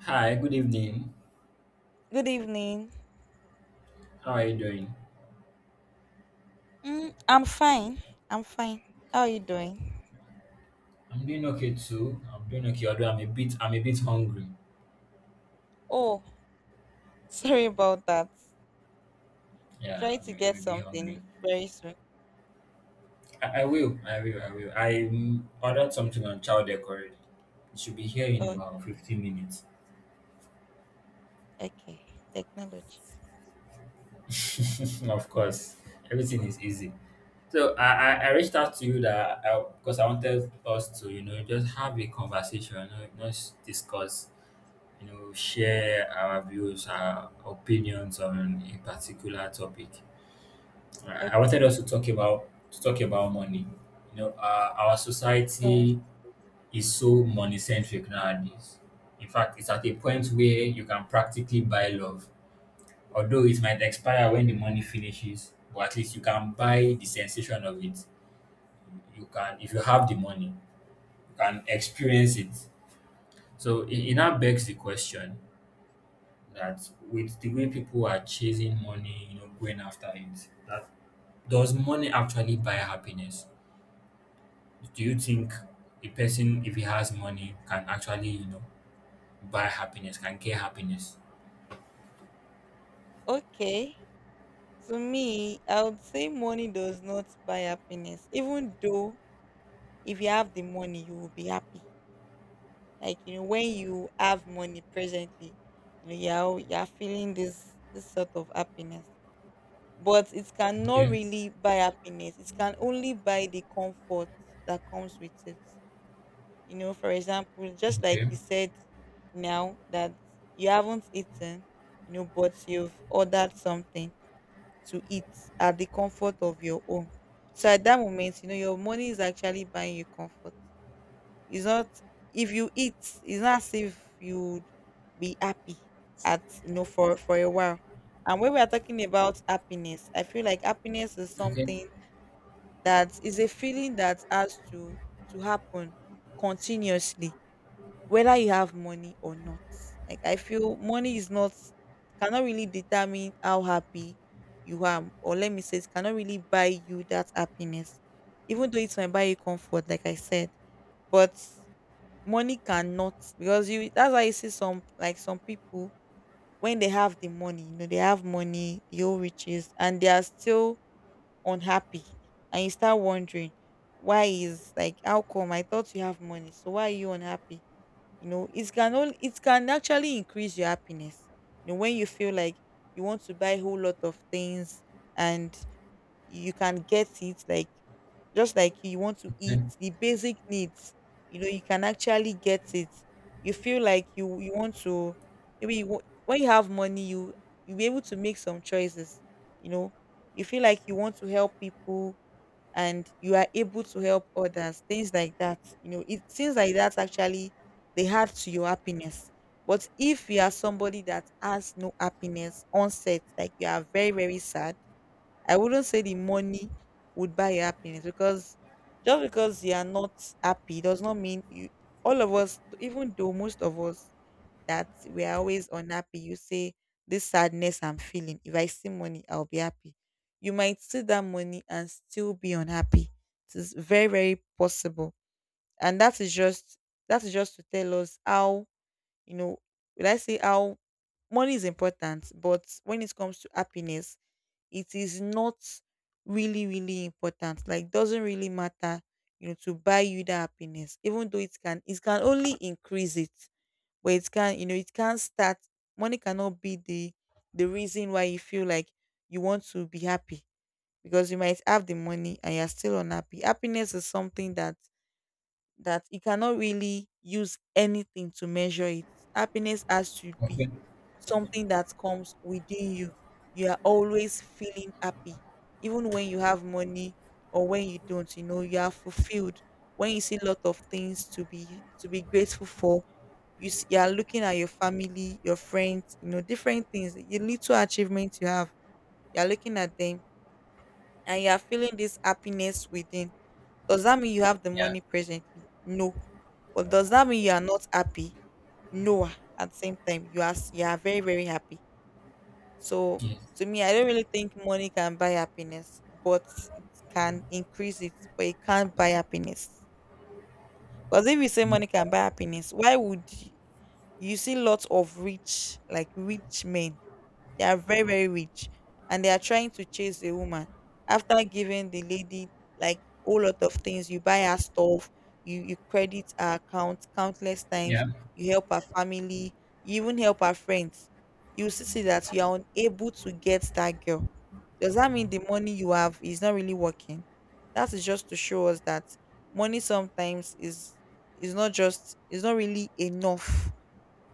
Hi, good evening. Good evening. How are you doing? I'm fine. I'm fine. How are you doing? I'm doing okay too. I'm doing okay, although I'm a bit hungry. Oh, sorry about that. Yeah, Try to I'm, get I'm a bit hungry. something very soon. I will. I ordered something on child already. It should be here in Okay. about 15 minutes. Okay. Technology. Of course, everything is easy. So I reached out to you that I, because I wanted us to, you know, just have a conversation, you know, just discuss, you know, share our views, our opinions on a particular topic. I wanted us Okay. To talk about money. You know, our So, society is so money centric nowadays. In fact, it's at a point where you can practically buy love, although it might expire when the money finishes. But at least you can buy the sensation of it. You can, if you have the money, you can experience it. So it now begs the question that, with the way people are chasing money, you know, going after it, that does money actually buy happiness? Do you think a person, if he has money, can actually, you know, buy happiness, can get happiness? okay. To me, I would say money does not buy happiness. Even though if you have the money, you will be happy. Like, you know, when you have money presently, you know, you're feeling this sort of happiness, but it cannot Okay. really buy happiness. It can only buy the comfort that comes with it. You know, for example, just like Okay. you said now that you haven't eaten, you know, but you've ordered something to eat at the comfort of your home. So at that moment, you know, your money is actually buying you comfort. It's not, if you eat, it's not as if you would be happy at, you know, for a while. And when we are talking about happiness, I feel like happiness is Okay. something that is a feeling that has to happen continuously, whether you have money or not. Like, I feel money is not, cannot really determine how happy you are, or let me say, it cannot really buy you that happiness even though it might buy you comfort, like I said. But money cannot, because you, that's why you see some, like some people, when they have the money, you know, they have money, the old riches, and they are still unhappy, and you start wondering why is, like, how come I thought you have money, so why are you unhappy? You know, it can only, it can actually increase your happiness. You know, when you feel like you want to buy a whole lot of things and you can get it, like just like you want to eat Okay. the basic needs, you know, you can actually get it. You feel like you want to, maybe you, when you have money, you you'll be able to make some choices. You know, you feel like you want to help people and you are able to help others, things like that. You know, it seems like that's actually the heart to your happiness. But if you are somebody that has no happiness on set like you are very, very sad, I wouldn't say the money would buy you happiness, because just because you are not happy does not mean you, all of us, even though most of us that we are always unhappy, you say this sadness I'm feeling, if I see money, I'll be happy. You might see that money and still be unhappy. It is very, very possible. And that is just, that is just to tell us how, you know, will I say how money is important, but when it comes to happiness, it is not really, really important, like doesn't really matter, you know, to buy you that happiness. Even though it can, it can only increase it, but it can, you know, it can't start. Money cannot be the reason why you feel like you want to be happy, because you might have the money and you're still unhappy. Happiness is something that, that you cannot really use anything to measure it. Happiness has to Okay. be something that comes within you. You are always feeling happy, even when you have money or when you don't. You know, you are fulfilled when you see a lot of things to be grateful for. You, you are looking at your family, your friends, you know, different things, your little achievements you have. You are looking at them and you are feeling this happiness within. Does that mean you have the Yeah. money presently? No. But does that mean you are not happy? No. At the same time, you are you are very, very happy. So Yes. to me, I don't really think money can buy happiness, but it can increase it, but it can't buy happiness. Because if you say money can buy happiness, why would you see lots of rich, like rich men, they are very, very rich and they are trying to chase a woman? After giving the lady like a whole lot of things, you buy her stuff, you credit her account countless times, Yeah. you help her family, you even help her friends. You still see that you are unable to get that girl. Does that mean the money you have is not really working? That is just to show us that money sometimes is not just, is not really enough.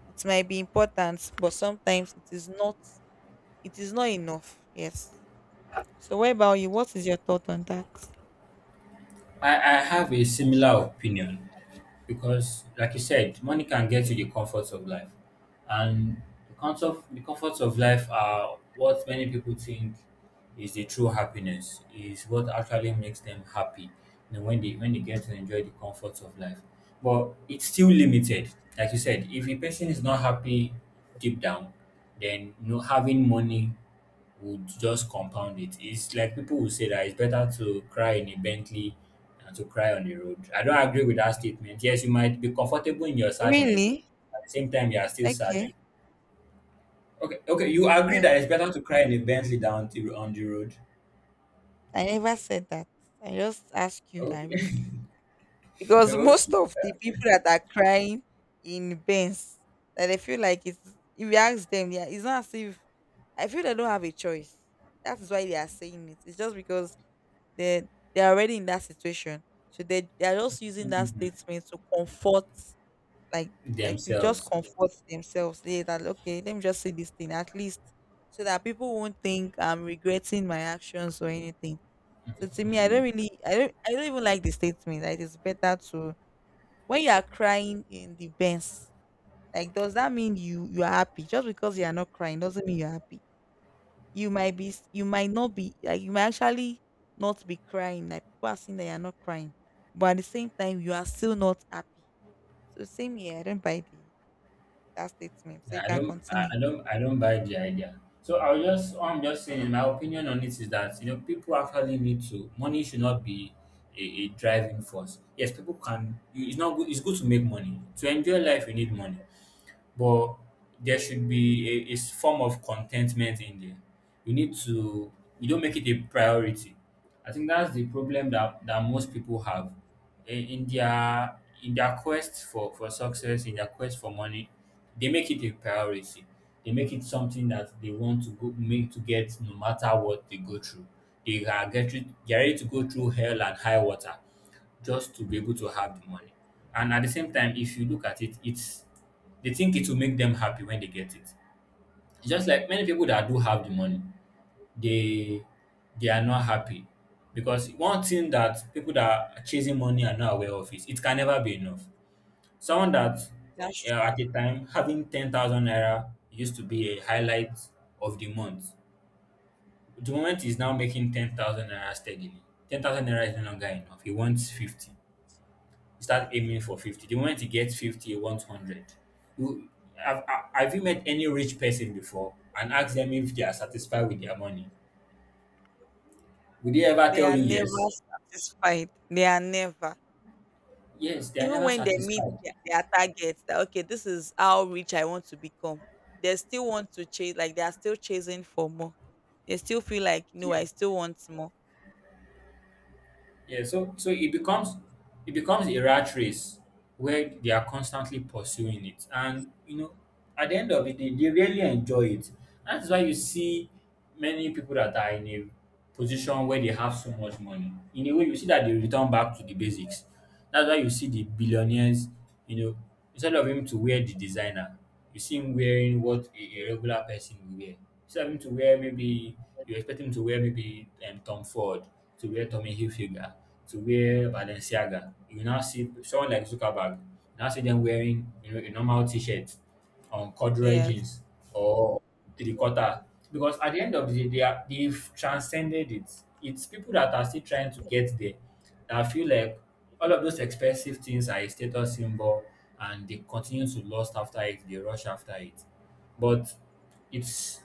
It might be important, but sometimes it is not, it is not enough. Yes. So what about you? What is your thought on that? I have a similar opinion because, like you said, money can get you the comforts of life, and the comforts of life are what many people think is the true happiness, is what actually makes them happy, you know, when they get to enjoy the comforts of life. But it's still limited. Like you said, if a person is not happy deep down, then, you know, having money would just compound it. It's like people would say that it's better to cry in a Bentley than to cry on the road. I don't agree with that statement. Yes, you might be comfortable in your sadness, Really? at the same time you are still sad. Okay. Okay, okay, you agree Yeah. that it's better to cry in a Bentley than to, on the road. I never said that. I just asked you that, Okay, really. Because most okay. of the people that are crying in bands, that they feel like it's, if you ask them, yeah, it's not as if, I feel they don't have a choice. That is why they are saying it. It's just because they, they're already in that situation. So they are just using that Mhm. statement to comfort, like like to just Themselves. comfort themselves. They, that, okay, let me just say this thing at least so that people won't think I'm regretting my actions or anything. So to me, I don't really, I don't, I don't even like the statement that it's better to when you are crying in the bends. Like, does that mean you, you are happy? Just because you are not crying doesn't mean you're happy. You might be you might not be, like you might actually not be crying, like people are saying that you're not crying, but at the same time you are still not happy. So same here, I don't buy the that statement. So you can continue. I don't buy the idea. So I'll just, all I'm just saying, in my opinion on it, is that, you know, people actually need to. Money should not be a driving force. Yes, people can. It's not good. It's good to make money to enjoy life. You need money, but there should be a form of contentment in there. You need to, you don't make it a priority. I think that's the problem that, most people have in, in their in their quest for success, in their quest for money, they make it a priority. They make it something that they want to go make to get no matter what they go through. They are get they are ready to go through hell and high water just to be able to Yes, have the money. And at the same time, if you look at it, it's they think it will make them happy when they get it. It's just like many people that do have the money, they they are not happy. Because one thing that people that are chasing money are not aware of is it can never be enough. Someone that, that's at the time, having 10,000 naira used to be a highlight of the month. The moment he's now making 10,000 naira steadily, 10,000 naira is no longer enough. He wants 50. You start yes. aiming for 50. The moment you get 50, you want 100. You have you met any rich person before and asked them if they are satisfied with their money? Would they ever They tell are you never yes? satisfied. They are never, Yes, they are even never when they meet satisfied. Their targets. That, okay, this is how rich I want to become. They still want to chase, like they are still chasing for more. They still feel like no, Yeah. I still want more. Yeah. So so it becomes a rat race where they are constantly pursuing it. And, you know, at the end of it, they really enjoy it. That's why you see many people that are in a position where they have so much money. In a way, you see that they return back to the basics. That's why you see the billionaires, you know, instead of him to wear the designer, you see him wearing what a regular person would wear. Instead of him to wear maybe, you expect him to wear maybe, Tom Ford, to wear Tommy Hilfiger, to wear Balenciaga. You now see someone like Zuckerberg, you now see them wearing, you know, a normal t-shirt, corduroy Yes, jeans or three quarter, because at the end of the day, they've transcended it. It's people that are still trying to get there that I feel like all of those expensive things are a status symbol, and they continue to lust after it, they rush after it, but it's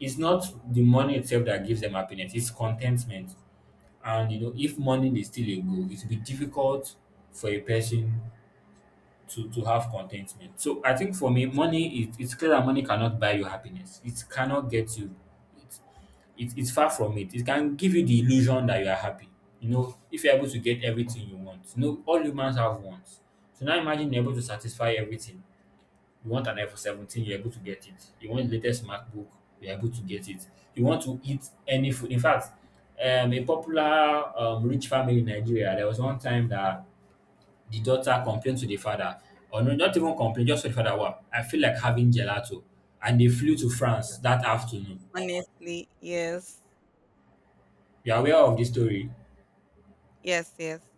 it's not the money itself that gives them happiness, it's contentment. And, you know, if money is still a goal, it will be difficult for a person to have contentment. So I think, for me, money, it's clear that money cannot buy you happiness. It cannot get you. It, it it's far from it. It can give you the illusion that you are happy. You know, if you're able to get everything you want. You know, all humans have wants. So now imagine you're able to satisfy everything. You want an iPhone 17, you're able to get it. You want the latest MacBook, you're able to get it. You want to eat any food. In fact, a popular rich family in Nigeria, there was one time that the daughter complained to the father, or no, not even complained, just to the father, wow, I feel like having gelato. And they flew to France that afternoon. honestly, yes, You are aware of this story? yes, yes,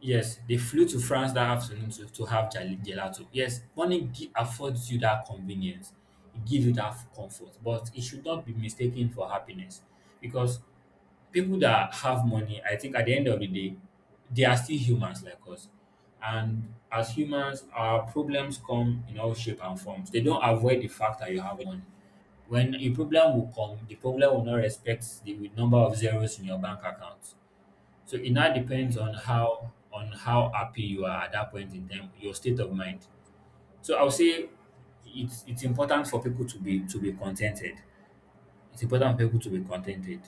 Yes, they flew to France that afternoon to have gelato. Yes, money affords you that convenience, it gives you that comfort, but it should not be mistaken for happiness, because people that have money, I think at the end of the day, they are still humans like us. And as humans, our problems come in all shape and forms. They don't avoid the fact that you have money. When a problem will come, the problem will not respect the number of zeros in your bank account. So it now depends yes. on how happy you are at that point in time, your state of mind. So I'll say it's important for people to be contented. It's important for people to be contented,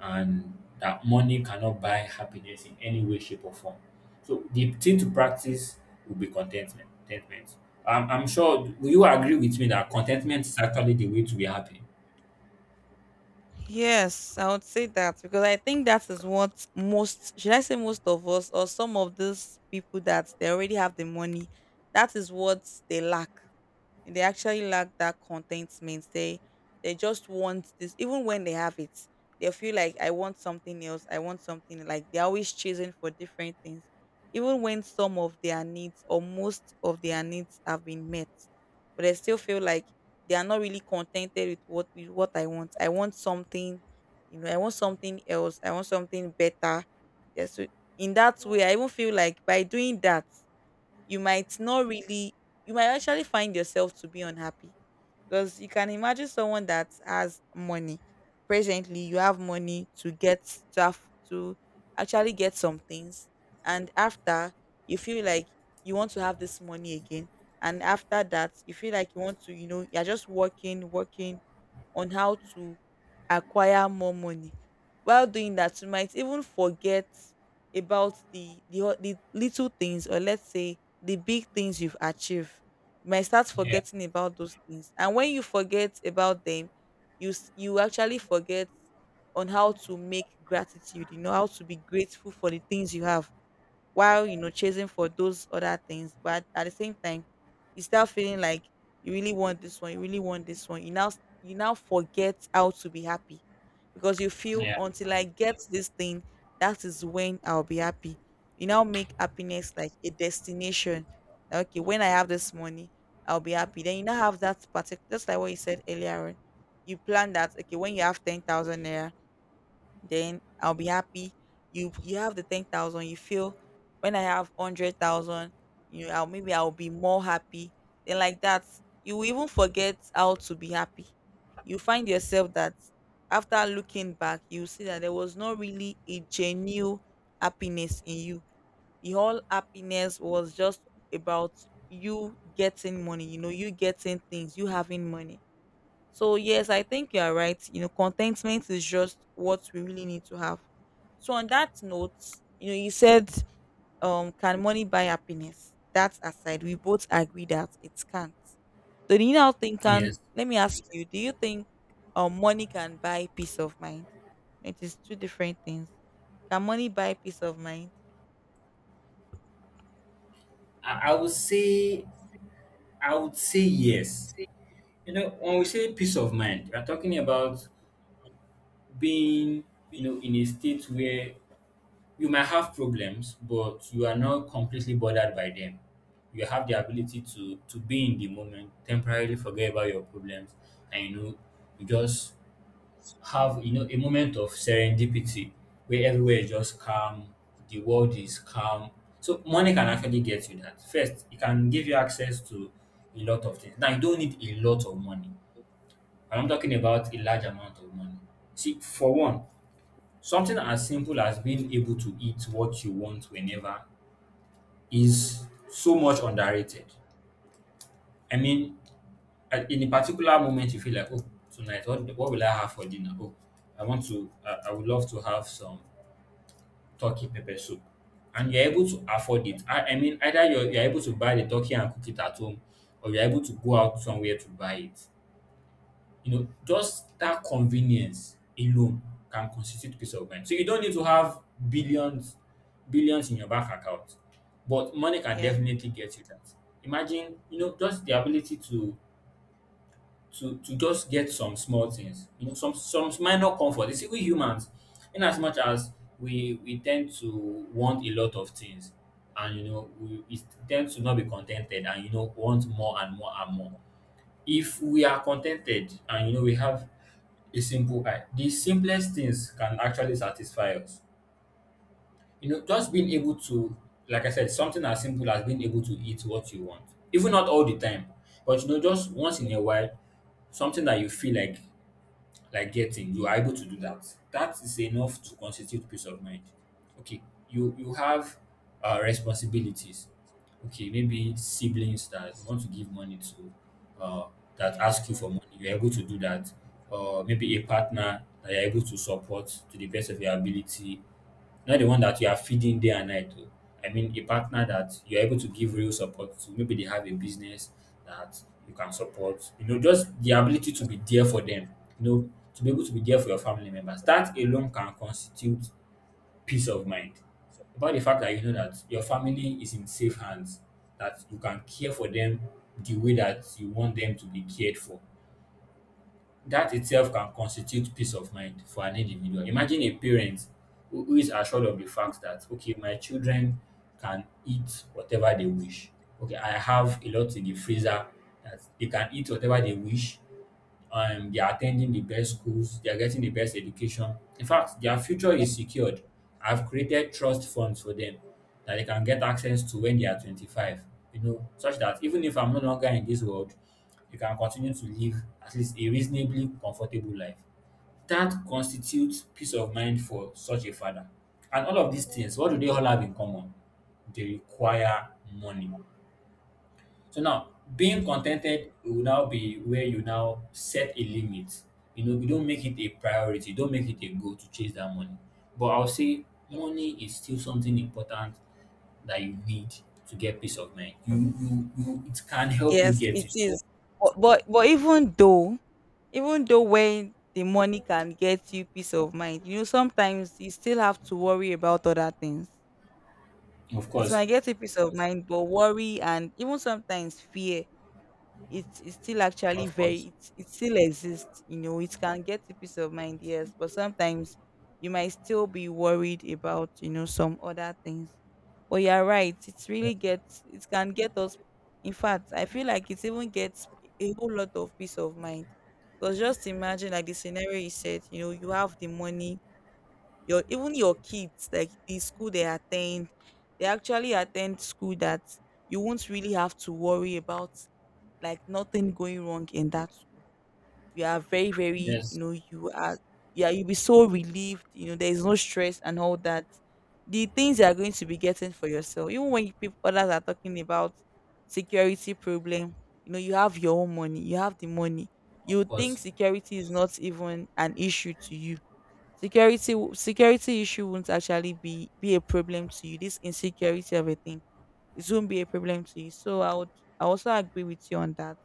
and that money cannot buy happiness in any way, shape, or form. So the thing to practice will be contentment. Contentment. I'm sure, will you agree with me that contentment is actually the way to be happy? Yes, I would say that, because I think that is what most, should I say most of us or some of those people that they already have the money, that is what they lack. They actually lack that contentment. They just want this even when they have it. They feel like I want something else. I want something, like they're always chasing for different things. Even when some of their needs or most of their needs have been met. But they still feel like they are not really contented with what, with what I want. I want something, you know, I want something else. I want something better. Yeah, so in that way, I even feel like by doing that, you might not really, you might actually find yourself to be unhappy, because you can imagine someone that has money presently, you have money to get stuff, to actually get some things, and after, you feel like you want to have this money again, and after that you feel like you want to, you know, you're just working on how to acquire more money. While doing that, you might even forget about the, the little things, or let's say the big things you've achieved. You might start Yeah. forgetting about those things. And when you forget about them, you you actually forget on how to make gratitude, you know, how to be grateful for the things you have, while, you know, chasing for those other things. But at the same time, you start feeling like you really want this one. You really want this one. You now, you now forget how to be happy. Because you feel until I get this thing, that is when I'll be happy. You now make happiness like a destination. Like, okay, when I have this money, I'll be happy. Then you now have that particular, just like what you said earlier on, you plan that okay, when you have 10,000 naira, then I'll be happy. You have the 10,000. You feel when I have 100,000, you, I'll, maybe I'll be more happy. Then like that, you even forget how to be happy. You find yourself that after looking back, you see that there was not really a genuine happiness in you. The whole happiness was just about you getting money. You know, you getting things, you having money. So yes, I think you are right. You know, contentment is just what we really need to have. So on that note, you know, you said, can money buy happiness? That aside, we both agree that it can't. Do you now think, can, Yes. let me ask you, do you think money can buy peace of mind? It is two different things. Can money buy peace of mind? I, I would say I would say yes. You know, when we say peace of mind, we're talking about being, you know, in a state where you might have problems but you are not completely bothered by them. You have the ability to be in the moment, temporarily forget about your problems, and, you know, you just have, you know, a moment of serendipity where everywhere is just calm, the world is calm. So money can actually get you that. First, it can give you access to a lot of things. Now, you don't need a lot of money. I'm not talking about a large amount of money. See, for one, something as simple as being able to eat what you want whenever is so much underrated. I mean, in a particular moment, you feel like, oh, tonight, what will I have for dinner? Oh, I want to, I would love to have some turkey pepper soup. And you're able to afford it. I mean, either you're able to buy the turkey and cook it at home, or you're able to go out somewhere to buy it. You know, just that convenience alone can constitute peace of mind. So you don't need to have billions, billions in your bank account, but money can Yes, definitely get you that. Imagine, you know, just the ability to just get some small things, you know, some minor comfort. You see, we humans, in as much as we tend to want a lot of things, and, you know, we tend to not be contented, and, you know, want more and more and more. If we are contented, and, you know, we have a simple I. The simplest things can actually satisfy us. You know, just being able to, like I said, something as simple as being able to eat what you want, even not all the time, but you know, just once in a while, something that you feel like getting you are able to do that is enough to constitute peace of mind. Okay, you have responsibilities. Okay, maybe siblings that you want to give money to, uh, that ask you yes. for money, you're able to do that. Or maybe a partner that you're able to support to the best of your ability, not the one that you are feeding day and night, oh. I mean, a partner that you're able to give real support to. Maybe they have a business that you can support. You know, just the ability to be there for them, you know, to be able to be there for your family members. That alone can constitute peace of mind. About the fact that you know that your family is in safe hands, that you can care for them the way that you want them to be cared for, that itself can constitute peace of mind for an individual. Imagine a parent who is assured of the fact that, okay, my children can eat whatever they wish. Okay, I have a lot in the freezer that they can eat whatever they wish. They are attending the best schools, they are getting the best education. In fact, their future is secured. I've created trust funds for them that they can get access to when they are 25, you know, such that even if I'm no longer in this world, they can continue to live at least a reasonably comfortable life. That constitutes peace of mind for such a father. And all of these things, what do they all have in common? They require money. So now, being contented will now be where you now set a limit. You know, you don't make it a priority, don't make it a goal to chase that money. But I'll say money is still something important that you need to get peace of mind. You, it can help you Yes, get it it. is. But even though when the money can get you peace of mind, sometimes you still have to worry about other things. Of It course, might get you peace of mind, but worry and even sometimes fear, it's still actually of very, course. It still exists. It can get you peace of mind, yes, but sometimes you might still be worried about some other things. But you're right, it can get us. In fact, I feel like it even gets a whole lot of peace of mind, because just imagine, like, the scenario you said. You have the money. Your kids, like, the school they attend, they actually attend school that you won't really have to worry about, like, nothing going wrong in that school. You are very, very. Yes, You know you are Yeah, you'll be so relieved. There is no stress and all that. The things you are going to be getting for yourself, even when people, others are talking about security problem, you have your own money. You have the money. of You would think course. security is not even an issue to you. Security issue won't actually be a problem to you. This insecurity of a thing, it won't be a problem to you. So I also agree with you on that.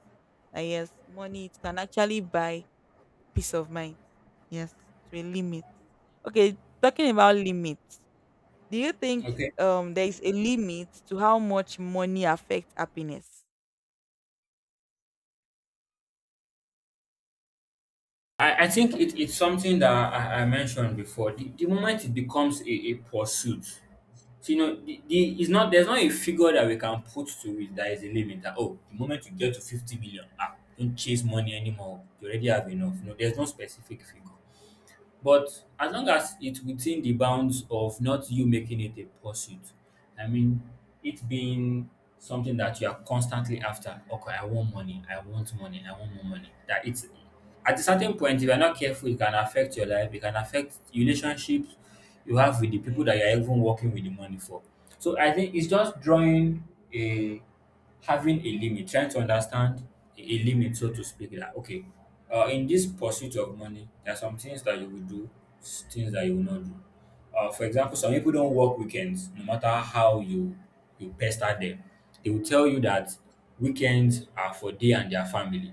That yes, money, it can actually buy peace of mind. Yes, to a limit. Okay, talking about limits. Do you think Okay. There is a limit to how much money affects happiness? I think it's something that I mentioned before. The moment it becomes a pursuit. So, you know, it's not, there's not a figure that we can put to it that is a limit. That, oh, the moment you get to 50 million, ah, don't chase money anymore. You already have enough. No, there's no specific figure. But as long as it's within the bounds of not you making it a pursuit, I mean, it being something that you are constantly after. Okay, I want money. I want money. I want more money. That it's, at a certain point, if you're not careful, it can affect your life. It can affect relationships you have with the people that Yes. you're even working with the money for. So I think it's just drawing a, having a limit, trying to understand a limit, so to speak, that okay, in this pursuit of money, there are some things that you will do, things that you will not do. For example, some people don't work weekends, no matter how you pester them. They will tell you that weekends are for they and their family,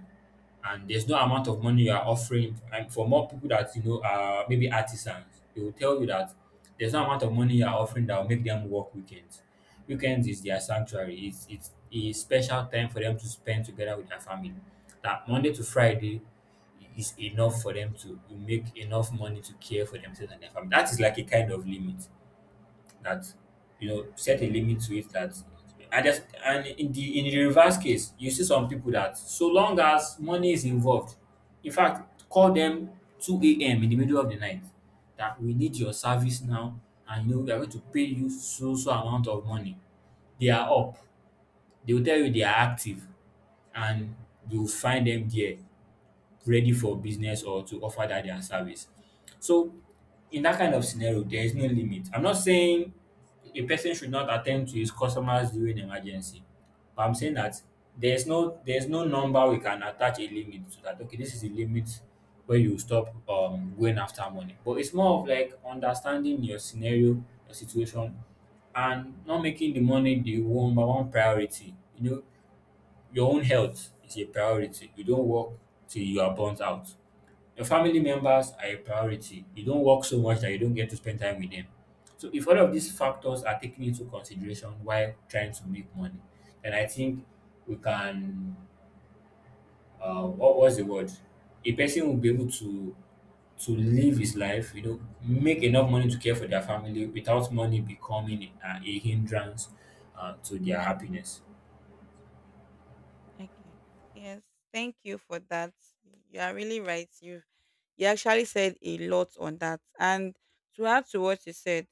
and there's no amount of money you are offering, and for more people that you know are maybe artisans, they will tell you that there's no amount of money you are offering that will make them work weekends. Weekends is their sanctuary. It's a special time for them to spend together with their family. That Monday to Friday is enough for them to make enough money to care for themselves and their family. That is like a kind of limit that, you know, set a limit to it, that I just. And in the reverse case, you see some people that so long as money is involved, in fact, call them 2 a.m. in the middle of the night that we need your service now, and you know we are going to pay you so so amount of money, they are up, they will tell you they are active, and you will find them there, ready for business or to offer that their service. So in that kind of scenario, there is no limit. I'm not saying a person should not attend to his customers during emergency, but I'm saying that there's no number we can attach a limit to that. Okay, this is the limit where you stop going after money. But it's more of like understanding your scenario, your situation, and not making the money the number one priority. You know, your own health is a priority. You don't work till you are burnt out. Your family members are a priority. You don't work so much that you don't get to spend time with them. So if all of these factors are taken into consideration while trying to make money, then I think we can, what was the word? A person will be able to live his life, you know, make enough money to care for their family without money becoming a hindrance, to their happiness. Okay. Yes. Thank you for that. You are really right. You actually said a lot on that. And to add to what you said,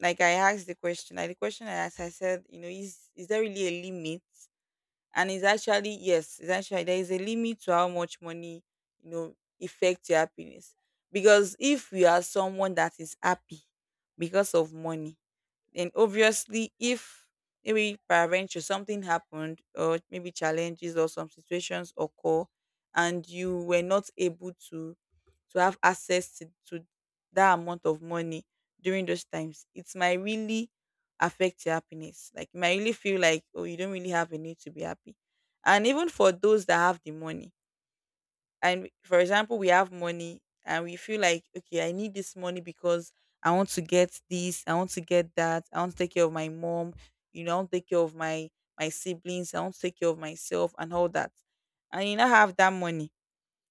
like I asked the question, like the question I asked, I said, is there really a limit? And it's actually there is a limit to how much money, you know, affects your happiness. Because if you are someone that is happy because of money, and obviously, if maybe peradventure something happened, or maybe challenges or some situations occur, and you were not able to have access to that amount of money during those times, it might really affect your happiness. Like, you might really feel like, oh, you don't really have a need to be happy. And even for those that have the money. And for example, we have money and we feel like, okay, I need this money because I want to get this, I want to get that, I want to take care of my mom, I want to take care of my siblings, I want to take care of myself, and all that. And you now have that money.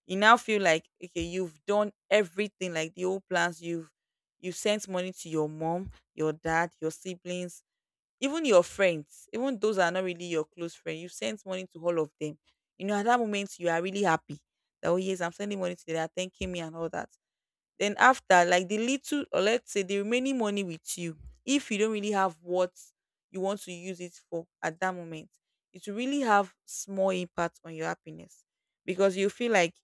You now feel like, okay, you've done everything, like the old plans. You sent money to your mom, your dad, your siblings, even your friends, even those that are not really your close friend. You sent money to all of them. At that moment you are really happy that, oh, yes, I'm sending money to them, they are thanking me and all that. Then after, like the little, or let's say, the remaining money with you, if you don't really have what you want to use it for at that moment, it will really have small impact on your happiness, because you feel like,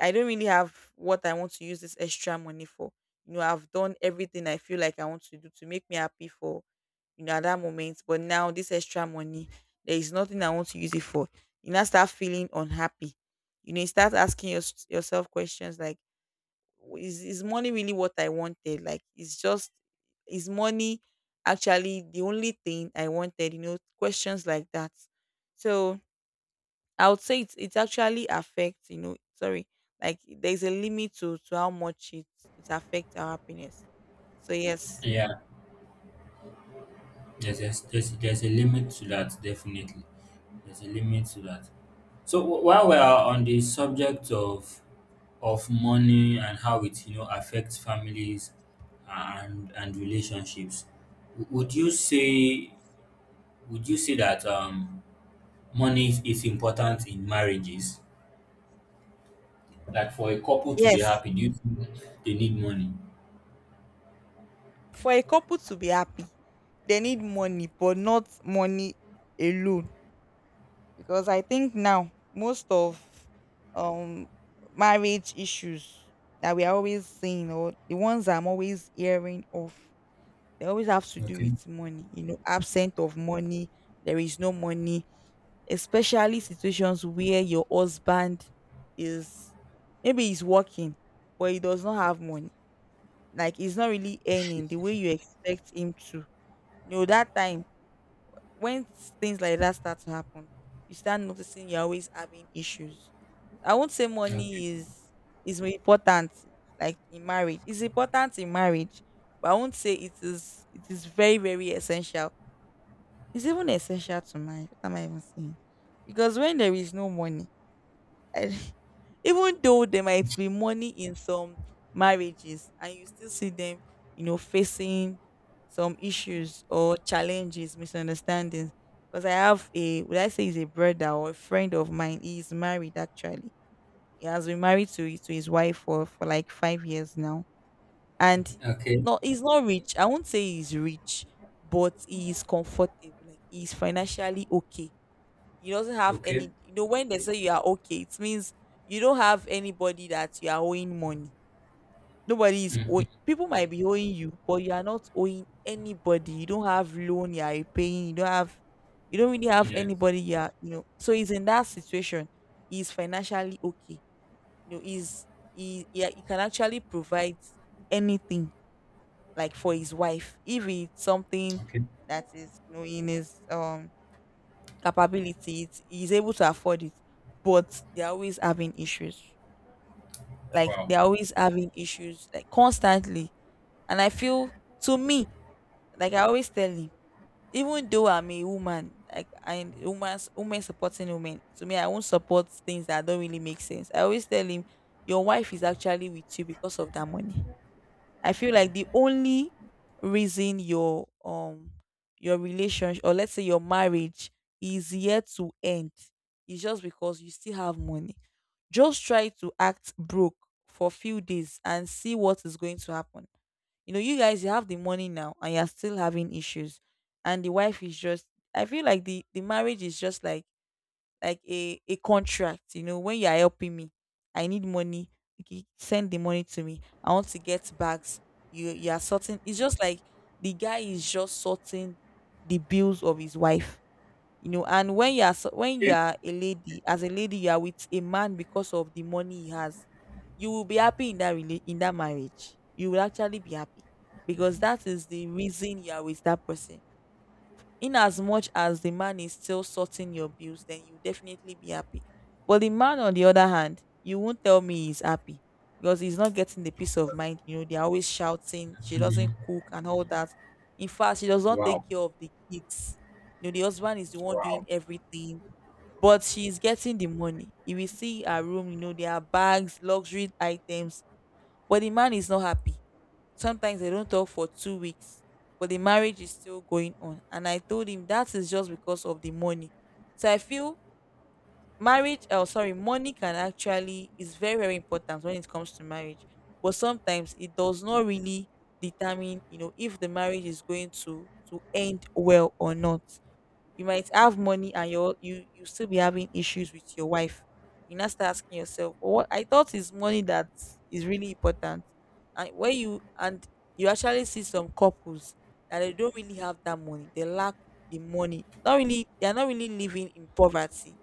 I don't really have what I want to use this extra money for. I've done everything I feel like I want to do to make me happy for, at that moment. But now this extra money, there is nothing I want to use it for. You now start feeling unhappy. You start asking yourself questions like, is money really what I wanted? Like, it's just, is money actually the only thing I wanted? Questions like that. So I would say it actually affects, sorry, like there's a limit to how much it affects our happiness. So yes, Yeah. There's a limit to that, definitely. There's a limit to that. So while we are on the subject of money and how it, you know, affects families and relationships, would you say, that money is important in marriages? Like, for a couple to be yes, happy, do you think they need money? for a couple to be happy, they need money, but not money alone. Because I think now, most of um marriage issues that we are always seeing, or the ones I'm always hearing of, they always have to do Okay. with money. Absent of money. There is no money, especially situations where your husband is, maybe he's working but he does not have money, like he's not really earning the way you expect him to. That time, when things like that start to happen, you start noticing you're always having issues. I won't say Okay. money is important, like, in marriage. It's important in marriage, but I won't say it is very, very essential. It's even essential to marriage. What am I even saying? Because when there is no money, even though there might be money in some marriages and you still see them facing some issues, or challenges, misunderstandings. Because I have a, would I say, is a brother or a friend of mine, he is married, actually. He has been married to his wife for like 5 years now. And Okay. no, he's not rich. I won't say he's rich, but he is comfortable. Like, he's financially okay. You doesn't have Okay. any. When they say you are okay, it means you don't have anybody that you are owing money. Nobody is Hmm. owing. People might be owing you, but you are not owing anybody. You don't have loan you are repaying. You don't really have Yeah. anybody you are you know so he's in that situation. He's financially okay you know he's Yeah, he can actually provide anything, like for his wife, if it's something Okay. that is in his capability, he's able to afford it, but they're always having issues. Like, Wow. they're always having issues, like, constantly. And I feel, to me, like I always tell him, even though I'm a woman, like, woman supporting women, to me I won't support things that don't really make sense. I always tell him, your wife is actually with you because of that money. I feel like the only reason your relationship, or let's say your marriage, is yet to end is just because you still have money. Just try to act broke for a few days and see what is going to happen. You have the money now and you're still having issues. And the wife is just. I feel like the marriage is just like a contract. When you are helping me, I need money. Okay, send the money to me. I want to get bags. You are sorting. It's just like, the guy is just sorting the bills of his wife. And when when you Okay. are a lady, as a lady, you are with a man because of the money he has. You will be happy in that marriage. You will actually be happy because that is the reason you are with that person. In as much as the man is still sorting your bills, then you definitely be happy. But the man, on the other hand, you won't tell me he's happy, because he's not getting the peace of mind. They're always shouting, she doesn't Mhm. cook and all that. In fact, she does not take Wow. care of the kids. The husband is the one doing Wow. everything, but she's getting the money. You will see her room, there are bags, luxury items, but the man is not happy. Sometimes they don't talk for 2 weeks, but the marriage is still going on. And I told him that is just because of the money. So I feel money can actually is very, very important when it comes to marriage. But sometimes it does not really determine, if the marriage is going to end well or not. You might have money and you still be having issues with your wife. You now start asking yourself, "Oh, what I thought is money that is really important." And when you actually see some couples that they don't really have that money, they lack the money. Not really, they are not really living in poverty,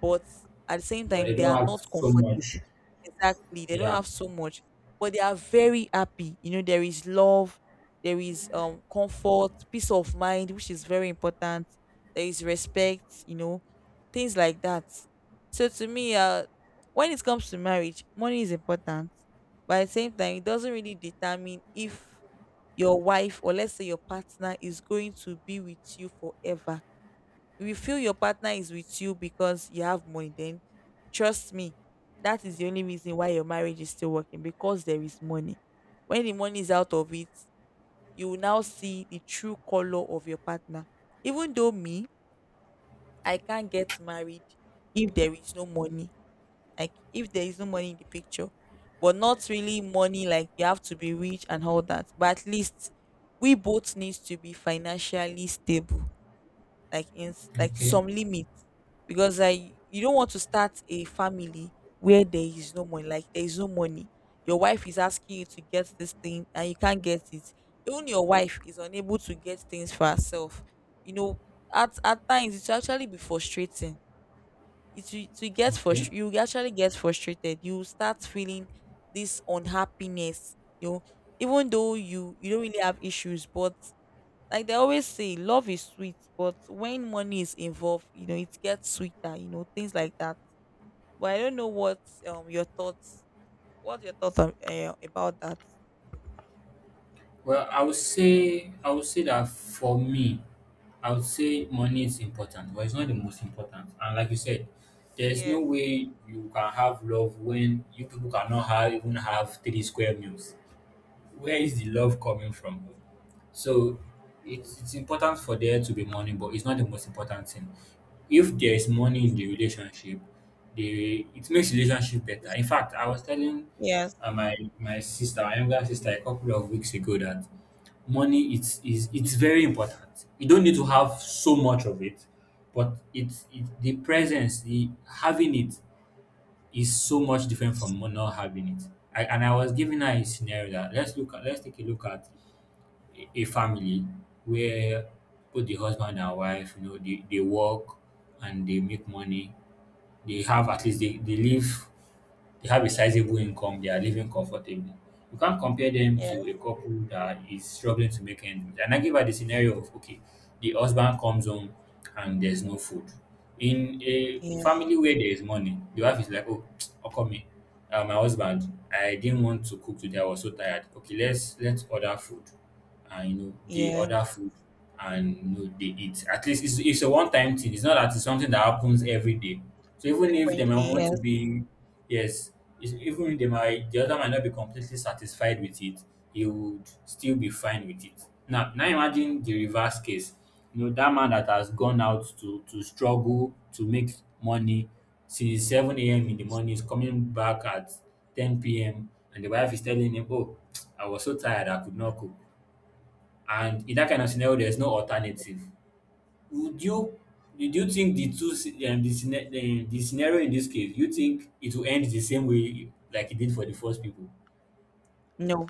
but at the same But they time, they don't are have not so much. comfortable. Exactly, they don't Yeah. have so much, but they are very happy. There is love. There is comfort, peace of mind, which is very important. There is respect. Things like that. So, to me, when it comes to marriage, money is important, but at the same time, it doesn't really determine if your wife, or let's say your partner, is going to be with you forever. If you feel your partner is with you because you have money, then trust me, that is the only reason why your marriage is still working, because there is money. When the money is out of it, you will now see the true color of your partner. Even though me, I can't get married if there is no money. Like, if there is no money in the picture, but not really money like you have to be rich and all that. But at least we both needs to be financially stable, like, like, to Okay. some limit, because I you don't want to start a family where there is no money. Like, there is no money. Your wife is asking you to get this thing and you can't get it. Even your wife is unable to get things for herself. You know, at times, it will actually be frustrating. It will get Okay. frustrated. You will actually get frustrated. You will start feeling this unhappiness, even though you don't really have issues. But like they always say, love is sweet, but when money is involved, it gets sweeter. Things like that. But I don't know what your thoughts what your thoughts are, about that. Well, I would say, that for me, I would say money is important, but it's not the most important. And like you said, there's no Yes. way you can have love when you people cannot have, even have three square meals. Where is the love coming from? So it's important for there to be money, but it's not the most important thing. If there is money in the relationship, the it makes relationship better. In fact, I was telling Yes. My sister, my younger sister, a couple of weeks ago, that money, it's very important. You don't need to have so much of it, but the presence, the having it, is so much different from not having it. And I was giving her a scenario that, let's look at, a family where both the husband and wife, you know, they work and they make money. They have, at least they have a sizable income, they are living comfortably. You can't compare them Yes. to a couple that is struggling to make ends meet. And I give her the scenario of, okay, the husband comes home and there's no food. In a Yes. family where there is money, the wife is like, oh, how come me? My husband, I didn't want to cook today. I was so tired. Okay, let's order food, and you know they Yes. order food, and you know they eat. At least it's a one time thing. It's not that it's something that happens every day. So even if they might Frequently, want to yes. be, yes, it's, even if they might, the other might not be completely satisfied with it, he would still be fine with it. Now, now imagine the reverse case. You know that man that has gone out to struggle to make money since 7 a.m. in the morning is coming back at 10 p.m. and the wife is telling him, "Oh, I was so tired I could not cook." And in that kind of scenario, there's no alternative. Would you do you think the two the scenario in this case, you think it will end the same way like it did for the first people? No,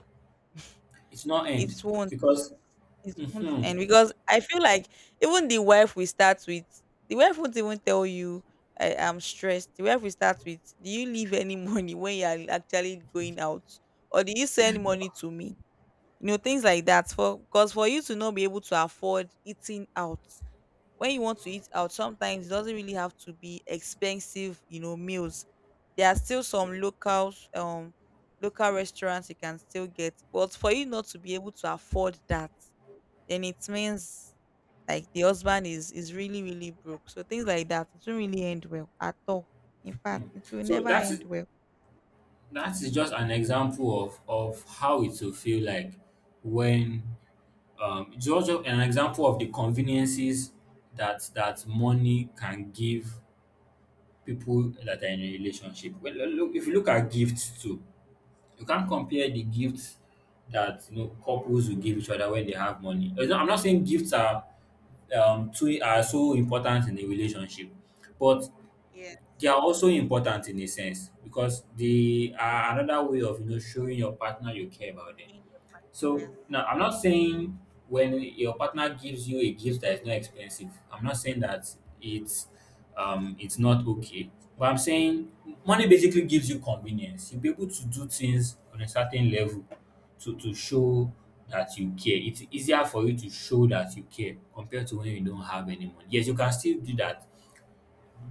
It's not end, it won't because, It won't mhm. end because I feel like even the wife we start with, the wife won't even tell you I am stressed. The wife we start with, do you leave any money when you are actually going out, or do you send money to me? Things like that. For because for you to not be able to afford eating out when you want to eat out, sometimes it doesn't really have to be expensive. Meals. There are still some local restaurants you can still get, but for you not to be able to afford that, then it means, like, the husband is really, really broke. So things like that, it won't really end well at all. In fact, it will So never end that's, well. that is just an example of how it will feel like when, it's also an example of the conveniences that money can give people that are in a relationship. Well, look, if you look at gifts too, you can't compare the gifts that, you know, couples will give each other when they have money. It's not— I'm not saying gifts are, too, are so important in a relationship, but Yes. they are also important in a sense because they are another way of, you know, showing your partner you care about them. Ruin your part- So yes. now, I'm not saying when your partner gives you a gift that is not expensive, I'm not saying that it's, it's not okay. But I'm saying money basically gives you convenience. You'll be able to do things on a certain level to, show that you care. It's easier for you to show that you care compared to when you don't have any money. Yes, you can still do that,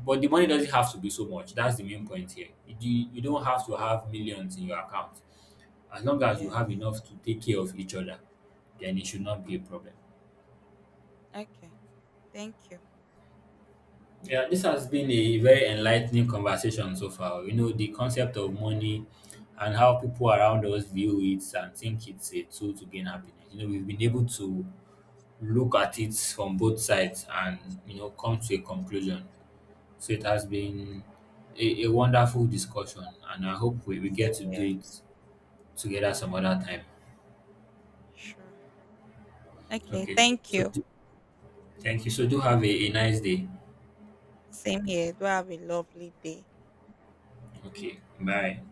but the money doesn't have to be so much. That's the main point here. You don't have to have millions in your account, as long as you have Yes. enough to take care of each other, then it should not be a problem. Okay, thank you. Yeah, this has been a very enlightening conversation so far. You know, the concept of money and how people around us view it and think it's a tool to gain happiness. You know, we've been able to look at it from both sides and, you know, come to a conclusion. So it has been a wonderful discussion, and I hope we get Same to here. do it together some other time. Sure. Okay, Okay, thank so you. do- thank you. So do have a nice day. Same here. Do have a lovely day. Okay, bye.